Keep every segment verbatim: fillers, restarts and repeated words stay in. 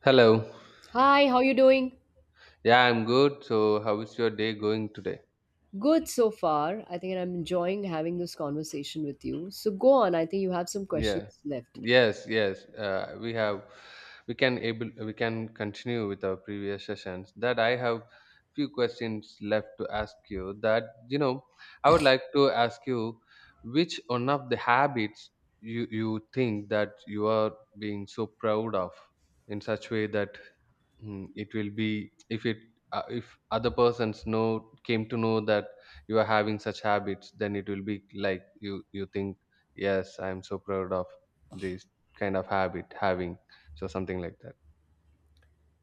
Hello. Hi, how you doing? Yeah, I'm good. So, how is your day going today? Good so far. I think I'm enjoying having this conversation with you. So go on. I think you have some questions Yeah. left. Yes, yes. Uh, we have we can able we can continue with our previous sessions. That I have few questions left to ask you. That you know, I would like to ask you which one of the habits you you think that you are being so proud of in such way that Hmm, it will be if it uh, if other persons know came to know that you are having such habits, then it will be like you you think, yes, I am so proud of this kind of habit having, so something like that.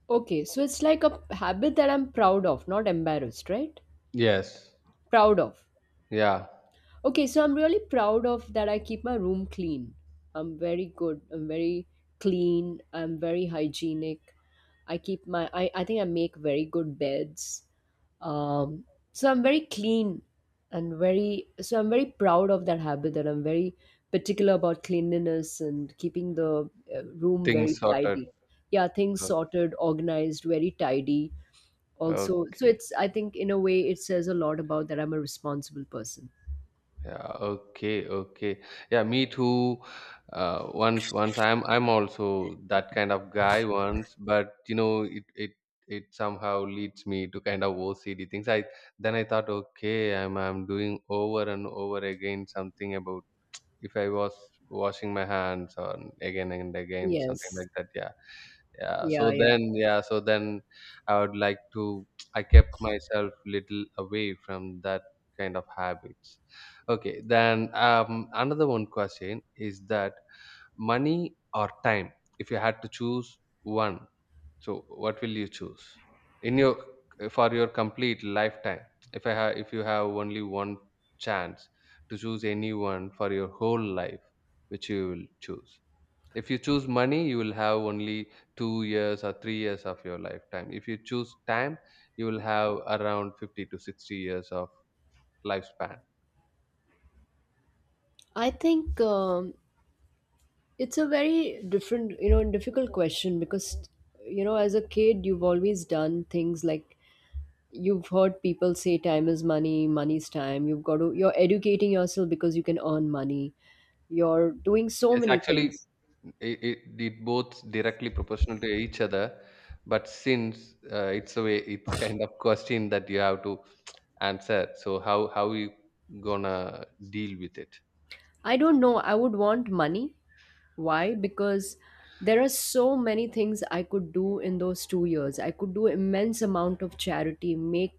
Okay, so it's like a habit that I'm proud of, not embarrassed, right? Yes. Proud of. Yeah. Okay, so I'm really proud of that I keep my room clean. I'm very good. I'm very clean. I'm very hygienic. I keep my I, I think I make very good beds. Um, so I'm very clean and very so I'm very proud of that habit that I'm very particular about cleanliness and keeping the uh, room very Things sorted. tidy. Yeah, things Uh, sorted, organized, very tidy. Also, so okay. it's I think in a way it says a lot about that I'm a responsible person. Yeah, okay, okay. Yeah, me too. Uh, once, once I'm, I'm also that kind of guy once, but you know, it, it, it somehow leads me to kind of O C D things. I Then I thought, okay, I'm, I'm doing over and over again something about if I was washing my hands or again and again, something Yes. like that. Yeah. Yeah. Yeah, So yeah. then, yeah. So then I would like to, I kept myself little away from that kind of habits. Okay. Then um, another one question is that money or time, if you had to choose one, so what will you choose in your for your complete lifetime? If I have, if you have only one chance to choose anyone for your whole life, which you will choose. If you choose money, you will have only two years or three years of your lifetime. If you choose time, you will have around fifty to sixty years of lifespan. I think um, it's a very different, you know, difficult question because, you know, as a kid, you've always done things like you've heard people say time is money, money's time. You've got to, you're educating yourself because you can earn money. You're doing so Yes, many actually, things. it, it, it both directly proportional to each other, but since uh, it's a way, it's a kind of question that you have to answer. So how how you gonna deal with it? I don't know. I would want money. Why? Because there are so many things I could do in those two years. I could do immense amount of charity, make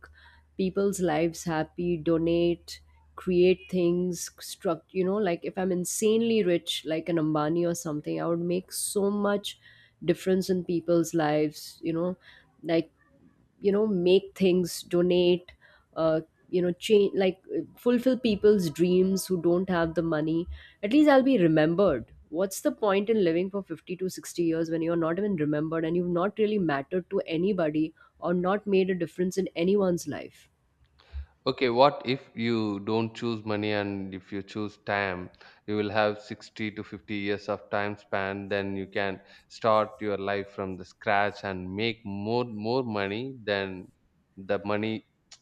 people's lives happy, donate, create things, struct. You know, like if I'm insanely rich, like an Ambani or something, I would make so much difference in people's lives. You know, like you know make things donate uh, you know change like uh, fulfill people's dreams who don't have the money. At least I'll be remembered. What's the point in living for fifty to sixty years when you're not even remembered and you've not really mattered to anybody or not made a difference in anyone's life? Okay, what if you don't choose money and if you choose time, you will have sixty to fifty years of time span, then you can start your life from the scratch and make more more money than the money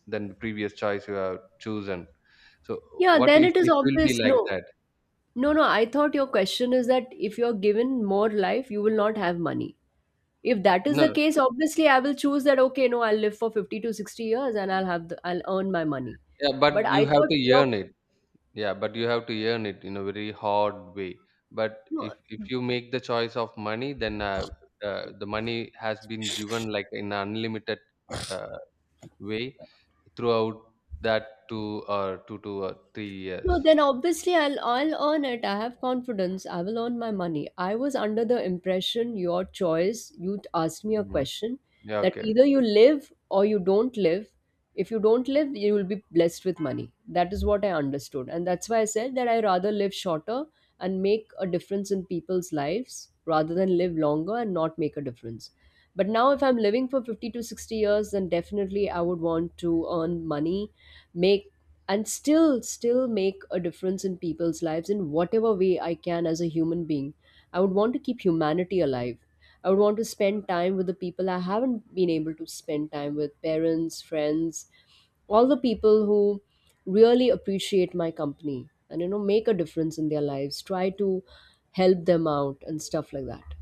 than the previous choice you have chosen. So, Yeah, what then if it is it will be obvious, no like that? no no, I thought your question is that if you're given more life you will not have money. If that is the No, case, obviously I will choose that, okay, no, I'll live for fifty to sixty years and I'll have the, I'll earn my money. yeah, But but I you have thought to your earn it. Yeah, but you have to earn it in a very hard way. But no, if if you make the choice of money, then uh, uh, the money has been given like in unlimited uh, way throughout that two or two to uh, three years. no, then obviously I'll I'll earn it. I have confidence. I will earn my money. I was under the impression your choice. You t- asked me a Mm. question Yeah, that okay, either you live or you don't live. If you don't live, you will be blessed with money. That is what I understood, and that's why I said that I rather live shorter and make a difference in people's lives rather than live longer and not make a difference. But now, if I'm living for fifty to sixty years, then definitely I would want to earn money, make, and still still make a difference in people's lives in whatever way I can. As a human being, I would want to keep humanity alive. I would want to spend time with the people I haven't been able to spend time with, parents, friends, all the people who really appreciate my company, and you know, make a difference in their lives, try to help them out and stuff like that.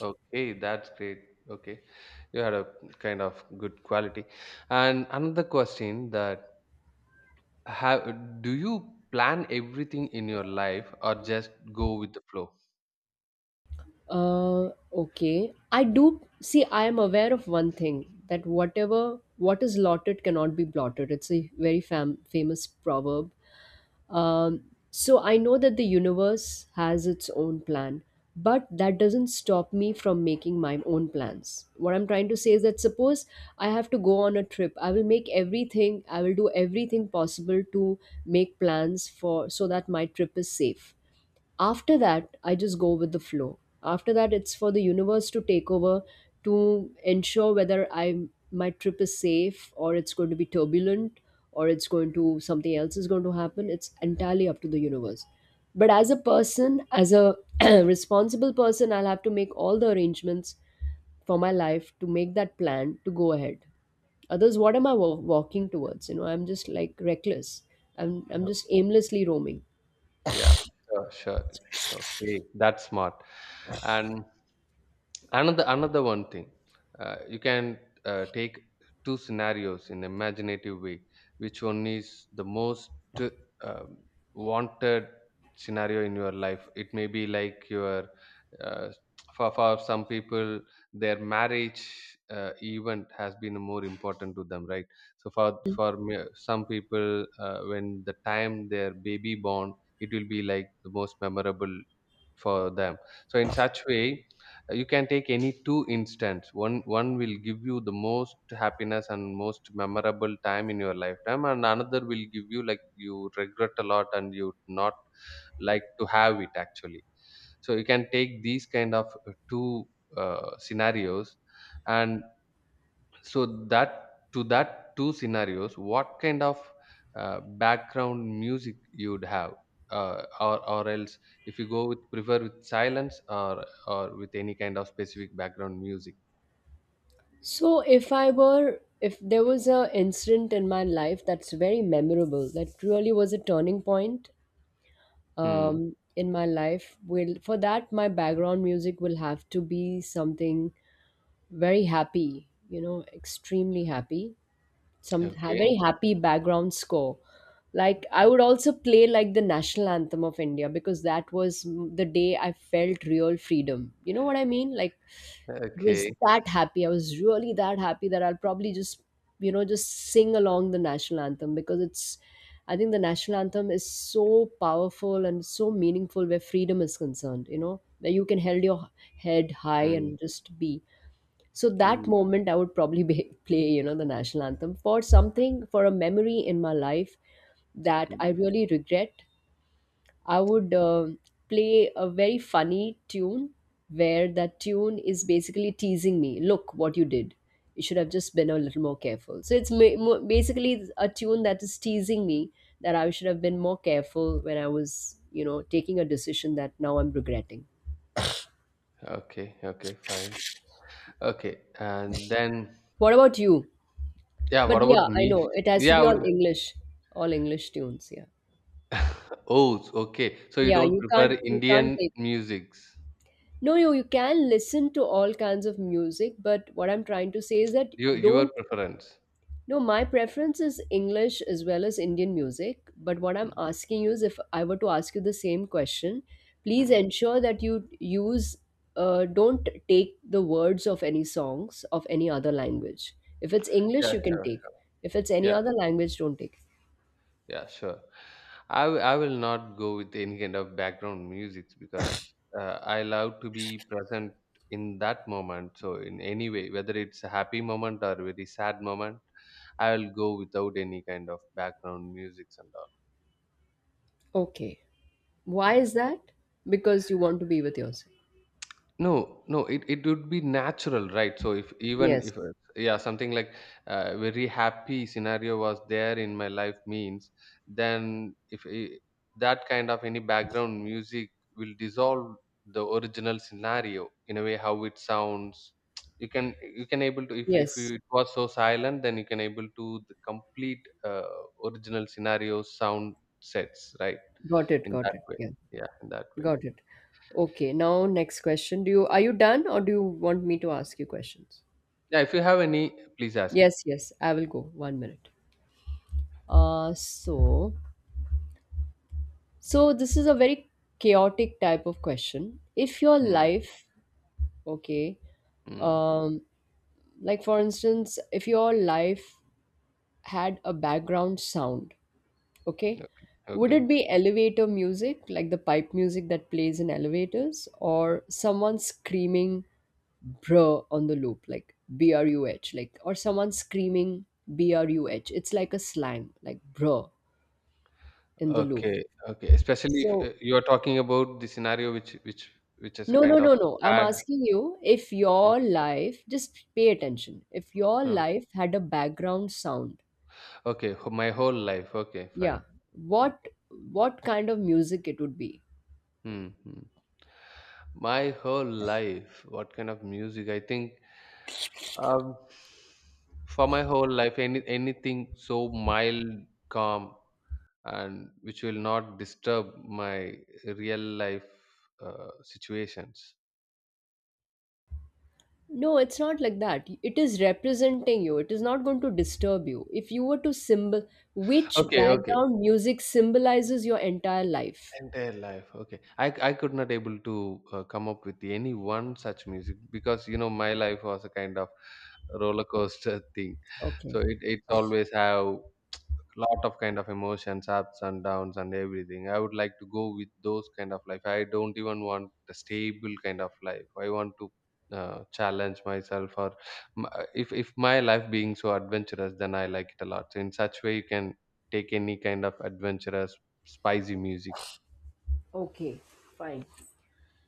okay, that's great. Okay, you had a kind of good quality. And another question that: Have do you plan everything in your life or just go with the flow? Uh, okay. I do see, I am aware of one thing that whatever what is lotted cannot be blotted. It's a very fam- famous proverb. Um, so I know that the universe has its own plan, but that doesn't stop me from making my own plans. What I'm trying to say is that suppose I have to go on a trip, I will make everything, I will do everything possible to make plans for so that my trip is safe. After that I just go with the flow. After that it's for the universe to take over, to ensure whether I my trip is safe or it's going to be turbulent, or it's going to something else is going to happen. It's entirely up to the universe. But as a person, as a responsible person, I'll have to make all the arrangements for my life, to make that plan to go ahead. Others, what am I wa- walking towards? You know, I'm just like reckless. I'm i'm Uh, just aimlessly roaming. Yeah, sure, sure. Okay, that's smart. And another another one thing, uh, you can uh, take two scenarios in imaginative way. Which one is the most um, wanted scenario in your life? It may be like your uh, for, for some people their marriage uh, event has been more important to them, right? So for for me- some people, uh, when the time their baby born, it will be like the most memorable for them. So in such way, uh, you can take any two instance. One one will give you the most happiness and most memorable time in your lifetime, and another will give you like you regret a lot and you would not like to have it actually. So you can take these kind of uh, two uh, scenarios, and so that to that two scenarios what kind of uh, background music you'd have, uh, or or else if you go with prefer with silence or or with any kind of specific background music. So if I were, if there was a incident in my life that's very memorable, that really was a turning point Hmm. um, in my life. Will for that my background music will have to be something very happy, you know, extremely happy. Some ha- Okay, very happy background score. Like I would also play like the national anthem of India because that was m- the day I felt real freedom. You know what I mean? Like it okay. was that happy. I was really that happy that I'll probably just, you know, just sing along the national anthem, because it's, I think the national anthem is so powerful and so meaningful where freedom is concerned, you know, where you can hold your head high Hmm. and just be. So that Hmm. moment, I would probably be, play, you know, the national anthem for something, for a memory in my life that I Hmm. really regret. I would uh, play a very funny tune where that tune is basically teasing me. Look what you did. You should have just been a little more careful. So it's ma- mo- basically a tune that is teasing me that I should have been more careful when I was, you know, taking a decision that now I'm regretting. Okay, okay, fine. Okay, and then, What about you? yeah, But what yeah, about I me? know it has to Yeah, I be all would, English, all English tunes. Yeah, oh s- okay, so you yeah. don't You prefer can't, you Indian can't take. musics? No, you you can listen to all kinds of music, but what I'm trying to say is that You your don't, preference. no, my preference is English as well as Indian music. But what I'm Hmm. asking you is if I were to ask you the same question, please Hmm. ensure that you use, uh, don't take the words of any songs of any other language. If it's English, Yeah, you can sure. take. If it's any Yeah. other language, don't take. Yeah, sure. I, w- I will not go with any kind of background music because uh, I love to be present in that moment. So in any way, whether it's a happy moment or very sad moment, I will go without any kind of background music and all. Okay. Why Yeah. is that? Because you want to be with yourself. No, no, it, it would be natural, right? So if even Yes. if uh, yeah, something like a very happy scenario was there in my life means, then if I that kind of any background music will dissolve the original scenario in a way how it sounds. You can you can able to if if Yes. you, it was so silent, then you can able to the complete uh, original scenario sound sets, right? Got it. In Got that it. way, Yeah. yeah, in that way. Got it. Okay. Now, next question. Do you are you done or do you want me to ask you questions? Yeah, if you have any, please ask. Yes, yes, I will go. One minute. Uh, so, so this is a very chaotic type of question. If your Hmm. life, okay, Mm. um, like for instance, if your life had a background sound, okay, Okay. would Okay. it be elevator music, like the pipe music that plays in elevators, or someone screaming bruh on the loop, like B R U H, like, or someone screaming B R U H? It's like a slang, like bruh in the loop. Okay. Okay. Especially if So, uh, you are talking about the scenario which which which is a no, no, kind of no, no. I'm sad. asking you if Mm. your life, just pay attention, if your Uh, life had a background sound, okay. wh- My whole life. Okay. yeah, Fine. what Okay. what kind of music it would be? Mm-hmm. My whole life. What kind of music? I think um, for my whole life, any anything so mild, calm, and which will not disturb my real life uh, situations. No, it's not like that. It is representing you. It is not going to disturb you. If you were to symbol, which Okay. Okay. background music symbolizes your entire life? Entire life. Okay. I, I could not able to uh, come up with any one such music because you know my life was a kind of roller coaster thing. So Okay. it it's always have lot of kind of emotions, ups and downs and everything. I would like to go with those kind of life. I don't even want a stable kind of life. I want to uh, challenge myself or m- uh, if if my life being so adventurous, then I like it a lot. So in such way, you can take any kind of adventurous, spicy music. Okay, fine.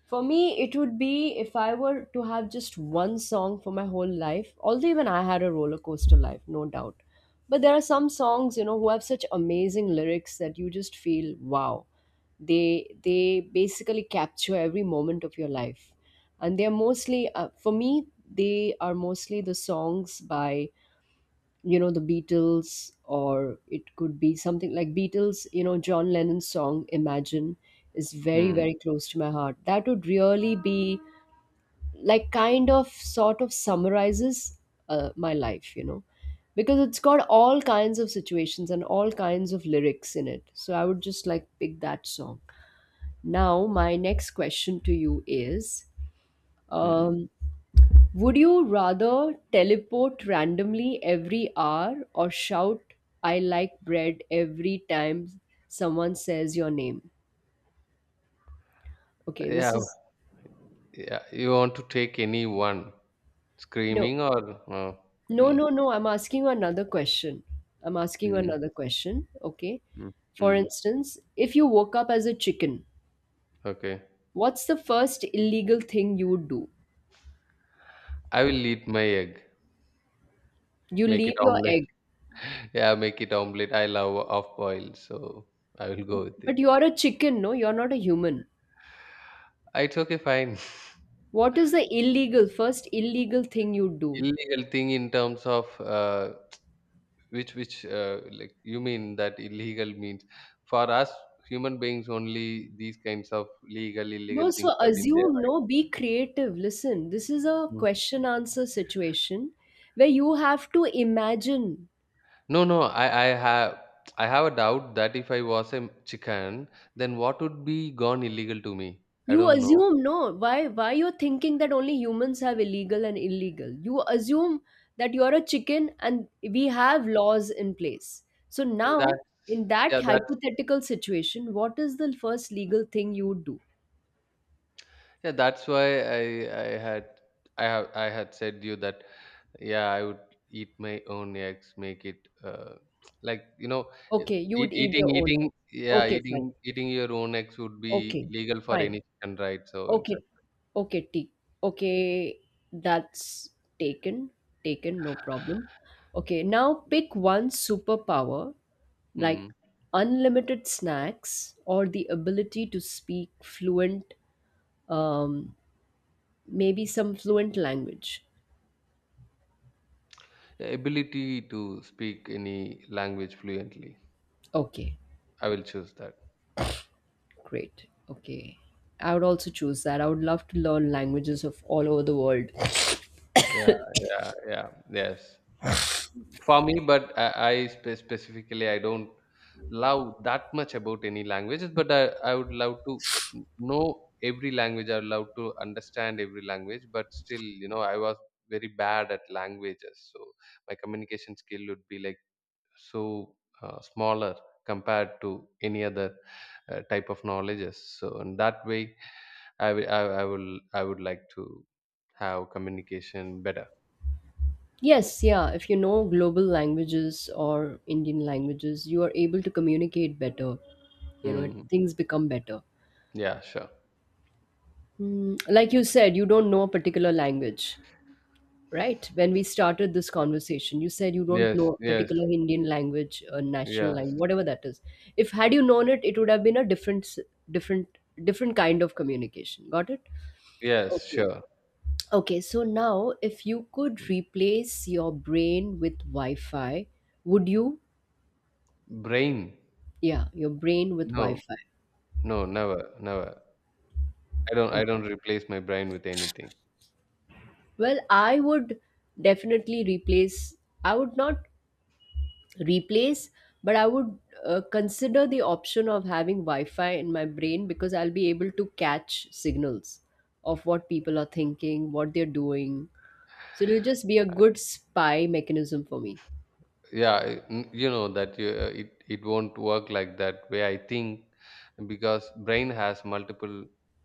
For me, it would be if I were to have just one song for my whole life, although even I had a roller coaster life, no doubt. But there are some songs, you know, who have such amazing lyrics that you just feel, wow. They they basically capture every moment of your life. And they're mostly uh, for me, they are mostly the songs by you know the Beatles, or it could be something like Beatles. You know, John Lennon's song Imagine is very Hmm. very close to my heart. That would really be like kind of sort of summarizes uh, my life, you know, because it's got all kinds of situations and all kinds of lyrics in it, so I would just like pick that song. Now my next question to you is Mm. um, would you rather teleport randomly every hour or shout, I like bread, every time someone says your name? Okay, this Yeah. is. Yeah. You want to take any one, No, screaming or uh, no, mm, no, no. I'm asking you another question. I'm asking you mm, another question. Okay. mm, For mm. instance, if you woke up as a chicken, okay. what's the first illegal thing you would do? I will eat my egg. You Make it leave your omelette. egg. Yeah, make it omelette. I love off boil, so I will go with it. But you're a chicken, no? You're not a human. Uh, It's okay, fine. What is the illegal, first illegal thing you'd do? Illegal thing in terms of, uh, which which uh, like you mean that illegal means for us human beings only these kinds of legal illegal No, so things have been there, assume, no, be creative. Listen, this is a right? question answer situation where you have to imagine. No, no, I, I have I have a doubt that if I was a chicken, then what would be gone illegal to me? I You don't know. assume, no, why why you're thinking that only humans have illegal and illegal. You assume that you're a chicken and we have laws in place. So Yeah, that, now, in that yeah, that's, hypothetical situation, what is the first legal thing you would do? yeah, that's why I I had I have I had said you that, yeah, I would eat my own eggs, make it uh, like you know, e- Okay, you eat, would eat eating your own eating egg. yeah, Okay, fine. eating eating your own eggs would be Okay, legal for fine. any chicken, right? So in such. Okay. Okay, T. Okay, that's taken. Taken, no problem. Okay, now pick one superpower like Mm. unlimited snacks or the ability to speak fluent, um, maybe some fluent language. Ability to speak any language fluently. Okay, I will choose that. great. Okay. I would also choose that. I would love to learn languages of all over the world. Yeah, yeah, yeah. Yes, for me, but I, I spe- specifically I don't love that much about any languages. But I, I would love to know every language. I would love to understand every language. But still, you know, I was very bad at languages, so my communication skill would be like so uh, smaller compared to any other uh, type of knowledges. So in that way, I will, I, I will, I would like to have communication better. Yes, yeah. If you know global languages or Indian languages, you are able to communicate better. You know, Mm. things become better. Yeah, sure. Mm, like you said, you don't know a particular language, right? When we started this conversation, you said you don't Yes, know a yes, particular Indian language, a national yes, language, whatever that is. If had you known it, it would have been a different, s- different, different kind of communication. Got it? yes, Okay. sure. Okay. So now, if you could replace your brain with Wi-Fi, would you? Brain? Yeah, your brain with No, Wi-Fi. no, never, never. I don't, Oh, I don't replace my brain with anything. well, I would definitely replace, I would not replace, but I would uh, consider the option of having Wi Fi in my brain, because I'll be able to catch signals of what people are thinking, what they're doing. So it'll just be a good spy mechanism for me. Yeah, I- n- you know that you, uh, it it won't work like that way. I think because brain has multiple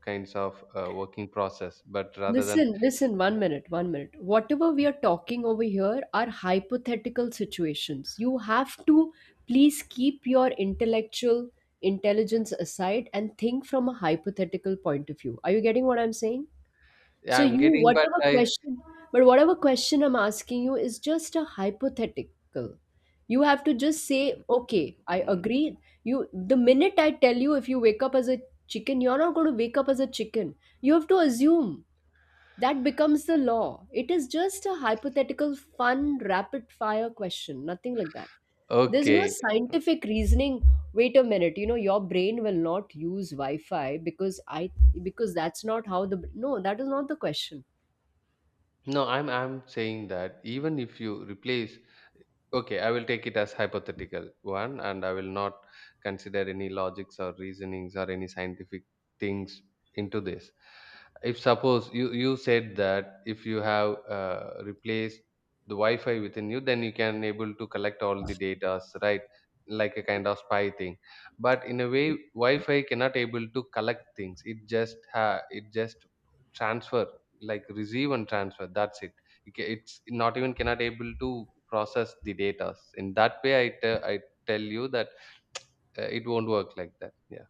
kinds of uh, working process, but rather than, Listen, listen, one minute, one minute. Whatever we are talking over here are hypothetical situations. You have to please keep your intellectual intelligence aside and think from a hypothetical point of view. Are you getting what I'm saying? yeah, So I'm you getting, but whatever I. question but whatever question I'm asking you is just a hypothetical. You have to just say, Mm, mm, okay, I mm. agree. You The minute I tell you, if you wake up as a chicken, you're not going to wake up as a chicken. You have to assume that becomes the law. It is just a hypothetical, fun, rapid fire question, nothing like that. There's no Okay. scientific reasoning. Wait a minute, you know, your brain will not use Wi-Fi, because I because that's not how the No, that is not the question. No, I'm I'm saying that even if you replace, okay, I will take it as hypothetical one and I will not consider any logics or reasonings or any scientific things into this. If suppose you you said that if you have uh, replaced the Wi-Fi within you, then you can able to collect all the data, right? Like a kind of spy thing. But in a way, Wi-Fi cannot able to collect things. It just ha it just transfer, like receive and transfer. That's it. It ca- it's not even cannot able to process the data in that way. i te- I tell you that uh, it won't work like that, yeah.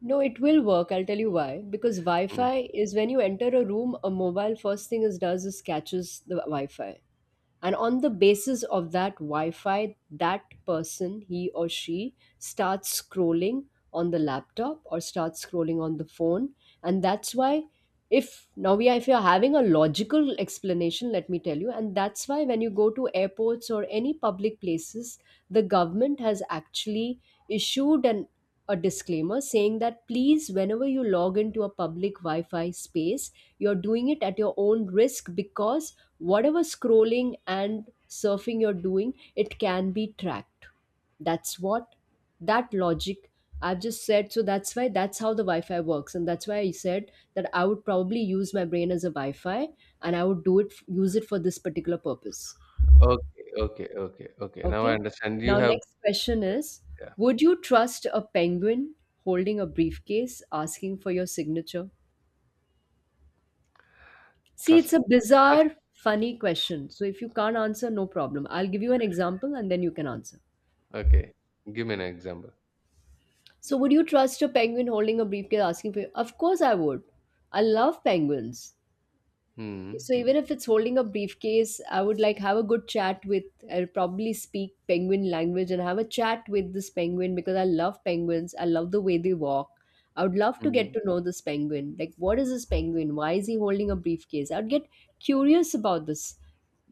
No, it will work. I'll tell you why. Because Mm. Wi-Fi is, when you enter a room, a mobile first thing it does is catches the Wi-Fi, and on the basis of that Wi-Fi, that person, he or she, starts scrolling on the laptop or starts scrolling on the phone. And that's why, if now we are, if you're having a logical explanation, let me tell you. And that's why when you go to airports or any public places, the government has actually issued an a disclaimer saying that, please, whenever you log into a public Wi-Fi space, you're doing it at your own risk, because whatever scrolling and surfing you're doing, it can be tracked. That's what, that logic, I've just said. So that's why, that's how the Wi-Fi works, and that's why I said that I would probably use my brain as a Wi-Fi, and I would do it use it for this particular purpose. Okay, okay, okay, okay, now I Okay. understand you Now, have. next question Yes, is, yeah. would you trust a penguin holding a briefcase asking for your signature? See, it's Trust, a trust. bizarre, funny question. So if you can't answer, no problem. I'll give you an example, and then you can answer. Okay, give me an example. So would you trust a penguin holding a briefcase asking for. Of course I would. I love penguins. Mm. So Hmm. even if it's holding a briefcase, I would like have a good chat with. I'll probably speak penguin language and have a chat with this penguin, because I love penguins. I love the way they walk. I would love to get Mm. to know this penguin. Like, what is this penguin? Why is he holding a briefcase? I'd get curious about this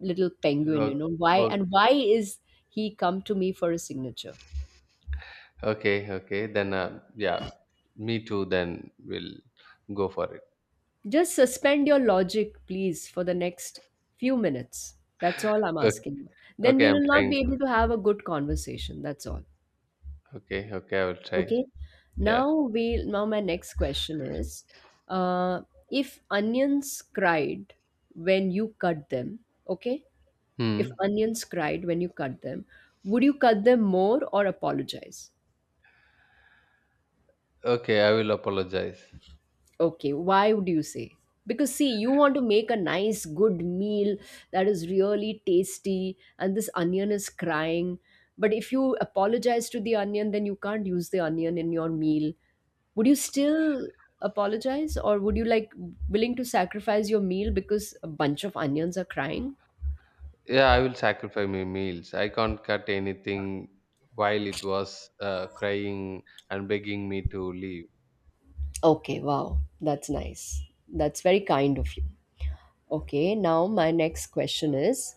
little penguin. Okay. You know why, and why is he come to me for a signature? Okay, okay, okay, Then, uh, yeah, me too, then we'll go for it. Just suspend your logic, please, for the next few minutes. That's all I'm Okay. asking. Then Okay, we I'm will not trying be to, able to have a good conversation. That's all. okay, okay, I will try. Okay. Yeah. Now we now my next question is, uh, if onions cried when you cut them, okay? If Hmm. onions cried when you cut them, would you cut them more or apologize? Okay, I will apologize. Okay, why would you say? Because, see, you want to make a nice, good meal that is really tasty, and this onion is crying. But if you apologize to the onion, then you can't use the onion in your meal. Would you still apologize, or would you like willing to sacrifice your meal because a bunch of onions are crying? Yeah, I will sacrifice my meals. I can't cut anything while it was uh, crying and begging me to leave. Okay, wow, that's nice. That's very kind of you. Okay, now my next question is,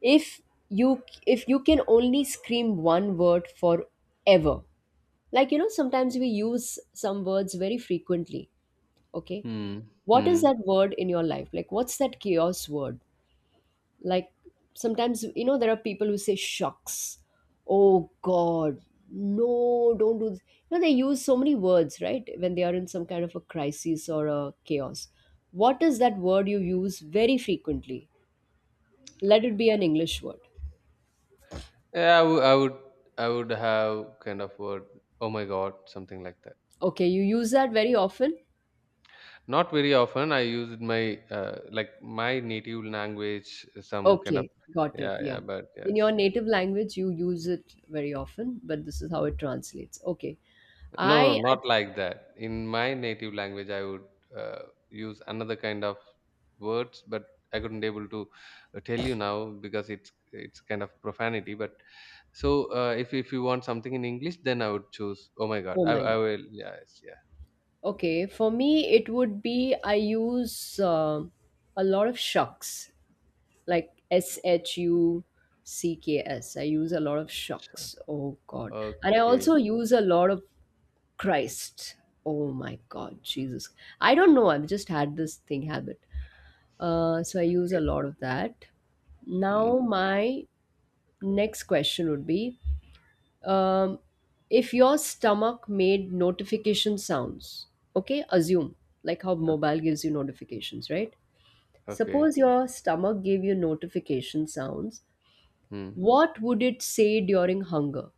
if you if you can only scream one word forever. Like, you know, sometimes we use some words very frequently, okay? Hmm. What is Hmm. that word in your life? Like, what's that chaos word? Like, sometimes, you know, there are people who say shucks. Oh God. No, don't do this. You know, they use so many words, right? When they are in some kind of a crisis or a chaos. What is that word you use very frequently? Let it be an English word. Yeah, I w- I would I would have kind of word, oh my God, something like that. Okay, you use that very often? Not very often. I used my uh, like my native language, some kind of, Okay, got it. yeah, Yeah. yeah, but In yes, your yeah. native language, you use it very often, but this is how Hmm. it translates. Okay. No, I, no, I not like that. In my native language, I would uh, use another kind of words, but I couldn't able to uh, tell you now because it's it's kind of profanity. But so, uh, if if you want something in English, then I would choose. Oh my God, oh I my I God. will. Yes, yeah. Okay, for me, it would be, I use um a lot of shucks, like S H U C K S. I use a lot of Sure. shucks. Oh God. And I Okay. also use a lot of Christ. Oh my God, Jesus. I don't know. I've just had this thing habit. Uh, so I use a Okay. lot of that. Now, Mm, my next question would be um, if your stomach made notification sounds, okay, assume, like how mobile gives you notifications, right? okay. Suppose your stomach gave you notification sounds, Mm. what would it say during hunger?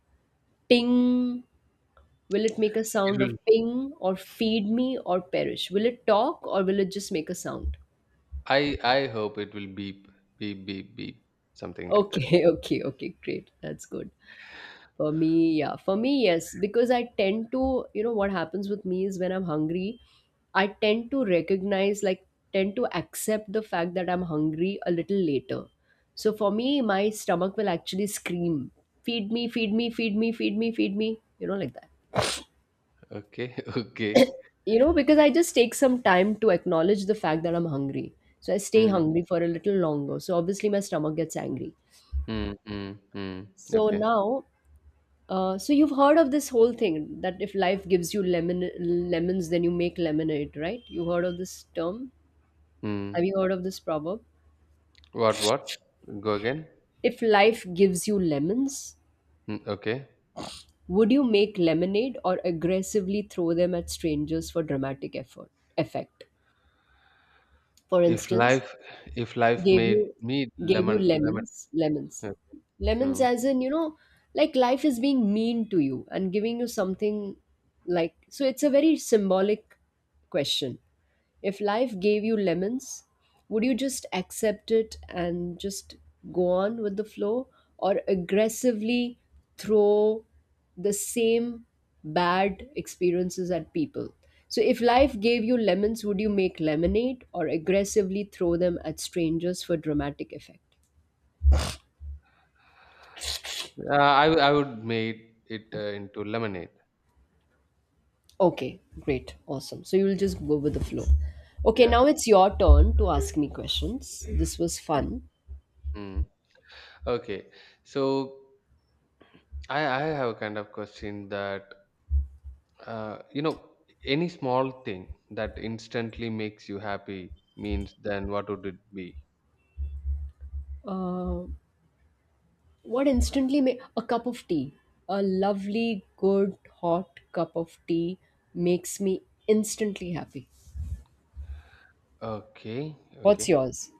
Ping. Will it make a It sound will. of ping, or feed me, or perish? Will it talk, or will it just make a sound? I I hope it will beep, beep, beep, beep, something like that. Okay, okay, okay, great. That's good. For me, yeah. For me, yes. Because I tend to, you know, what happens with me is, when I'm hungry, I tend to recognize, like, tend to accept the fact that I'm hungry a little later. So for me, my stomach will actually scream, feed me, feed me, feed me, feed me, feed me, you know, like that. Okay. Okay. You know, because I just take some time to acknowledge the fact that I'm hungry. So I stay Mm, hungry for a little longer. So obviously, my stomach gets angry. mm, mm, mm. So Okay. now Uh, so you've heard of this whole thing that if life gives you lemon lemons, then you make lemonade, right? You heard of this term? Have Mm. you heard of this proverb? What? What? Go again. If life gives you lemons, Mm, okay. would you make lemonade, or aggressively throw them at strangers for dramatic effort effect? For If instance, life, if life gave made you me gave you lemon, lemon. lemons, lemons, Yeah. lemons, Mm. as in, you know, like life is being mean to you and giving you something like so. It's a very symbolic question. If life gave you lemons, would you just accept it and just go on with the flow, or aggressively throw the same bad experiences at people? So, if life gave you lemons, would you make lemonade, or aggressively throw them at strangers for dramatic effect? Uh, I w- I would made it uh, into lemonade. Okay, great, awesome. So, you'll just go with the flow. Okay, Yeah. now it's your turn to ask me questions. This was Mm. fun. Mm. Okay. So I I have a kind of question that, uh, you know, any small thing that instantly makes you happy means then what would it be? Uh, What instantly ma- a cup of tea, a lovely, good, hot cup of tea makes me instantly happy. Okay. What's Okay. yours?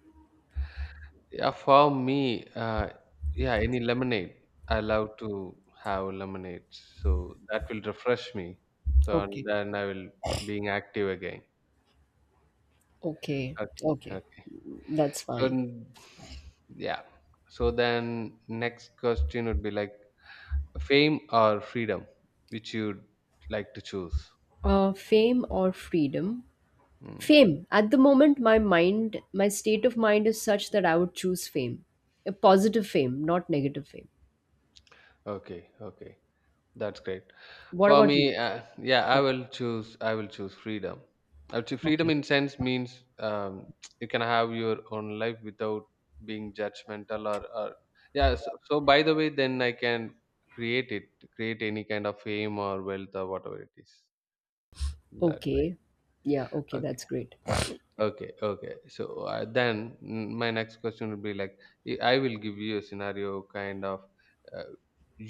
Yeah, for me, uh, yeah, any lemonade. I love to have lemonade, so that will refresh me. So and Okay, then I will being active again. okay, Okay, okay. okay. That's So fine. n- yeah. So then next question would be like fame or freedom, which you'd like to choose. Uh, fame or freedom? Mm. Fame. At the moment, my mind, my state of mind is such that I would choose fame. A positive fame, not negative fame. Okay, okay. That's great. What For about you? me, uh, yeah, Yeah. I will choose. I will choose freedom. I would say freedom Okay. in sense means um, you can have your own life without being judgmental or, or yeah. So, so by the way, then I can create it, create any kind of fame or wealth or whatever it is in that way. Okay. Yeah. Okay. That's Okay, great. okay, okay. So, uh, then mm, my next question would be like, I I will give you a scenario kind of, uh,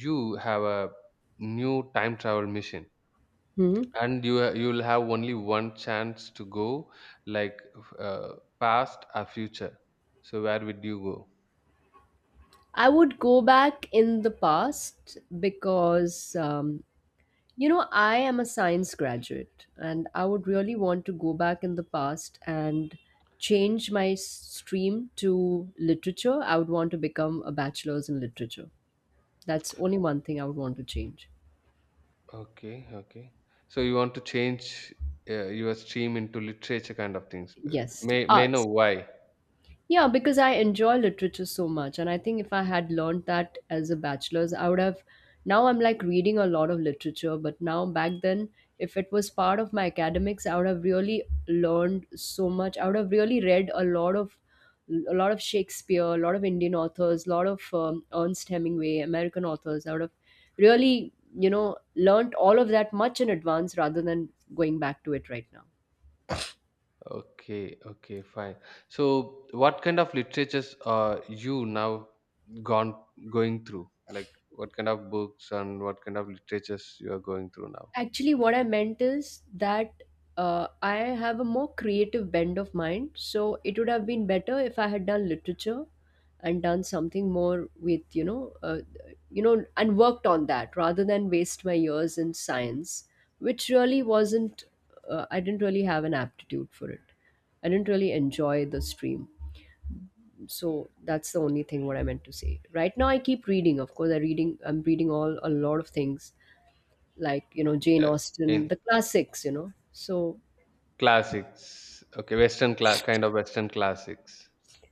you have a new time travel mission Hmm. and you ha- you'll have only one chance to go like, f- uh, past or future, so where would you go? I would go back in the past, because, um, you know, I am a science graduate, and I would really want to go back in the past and change my s- stream to literature. I would want to become a bachelor's in literature. That's only one thing I would want to change. Okay, okay, so you want to change, uh, your stream into literature kind of things. Uh, Yes, may may know arts. why? Yeah, because I enjoy literature so much. And I think if I had learned that as a bachelor's, I would have. Now I'm like reading a lot of literature, but now back then, if it was part of my academics, I would have really learned so much. I would have really read a lot of. A lot of Shakespeare, a lot of Indian authors, a lot of um, Ernst Hemingway, American authors. I would have really, you know, learned all of that much in advance rather than going back to it right now. Okay, okay, fine. So what kind of literatures are you now, gone going through, like what kind of books and what kind of literatures you are going through now? Actually, what I meant is that uh, I have a more creative bend of mind. So it would have been better if I had done literature and done something more with, you know, uh, you know, and worked on that rather than waste my years in science, which really wasn't, uh, I didn't really have an aptitude for it. I didn't really enjoy the stream. So that's the only thing what I meant to say. Right now, I keep reading. Of course, I reading. I'm reading all a lot of things, like, you know, Jane Uh, Austen, in the classics, you know. So classics. Okay, Western cla- kind of Western classics.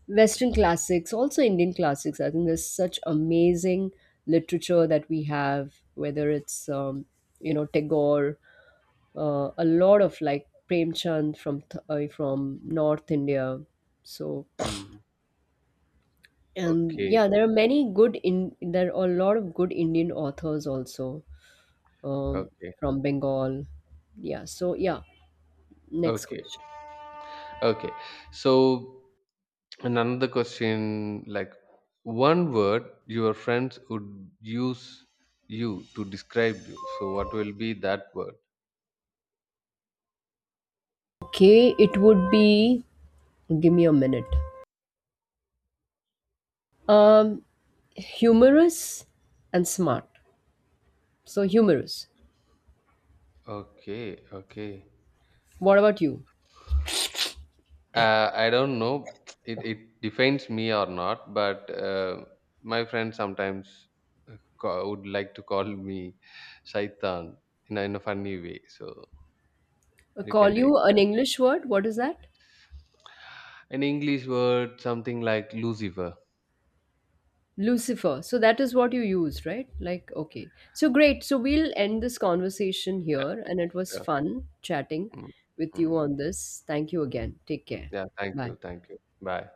Western classics, also Indian classics. I think there's such amazing literature that we have, whether it's um, you know Tagore, uh, a lot of like Premchand from th- uh, from North India. So, Hmm. and Okay, yeah, there are many good in there are a lot of good Indian authors also, um, okay, from Bengal. Yeah. So yeah, next okay, question. okay. So another question, like one word your friends would use you to describe you. So what will be that word? Okay, it would be. Give me a minute. Um, Humorous and smart. So humorous. Okay, okay. What about you? Uh, I don't know, it, it defines me or not, but uh, my friends sometimes uh, ca- would like to call me Shaitan in a, in a funny way. So I you call can take you an that. English word. What is that? An English word, something like Lucifer. Lucifer. So that is what you used, right? Like, okay. So great. So we'll end this conversation Yeah, here, and it was sure. fun chatting Mm, with you mm, on this. Thank you mm. again. Take care. Yeah, thank Bye. you. Thank you. Bye.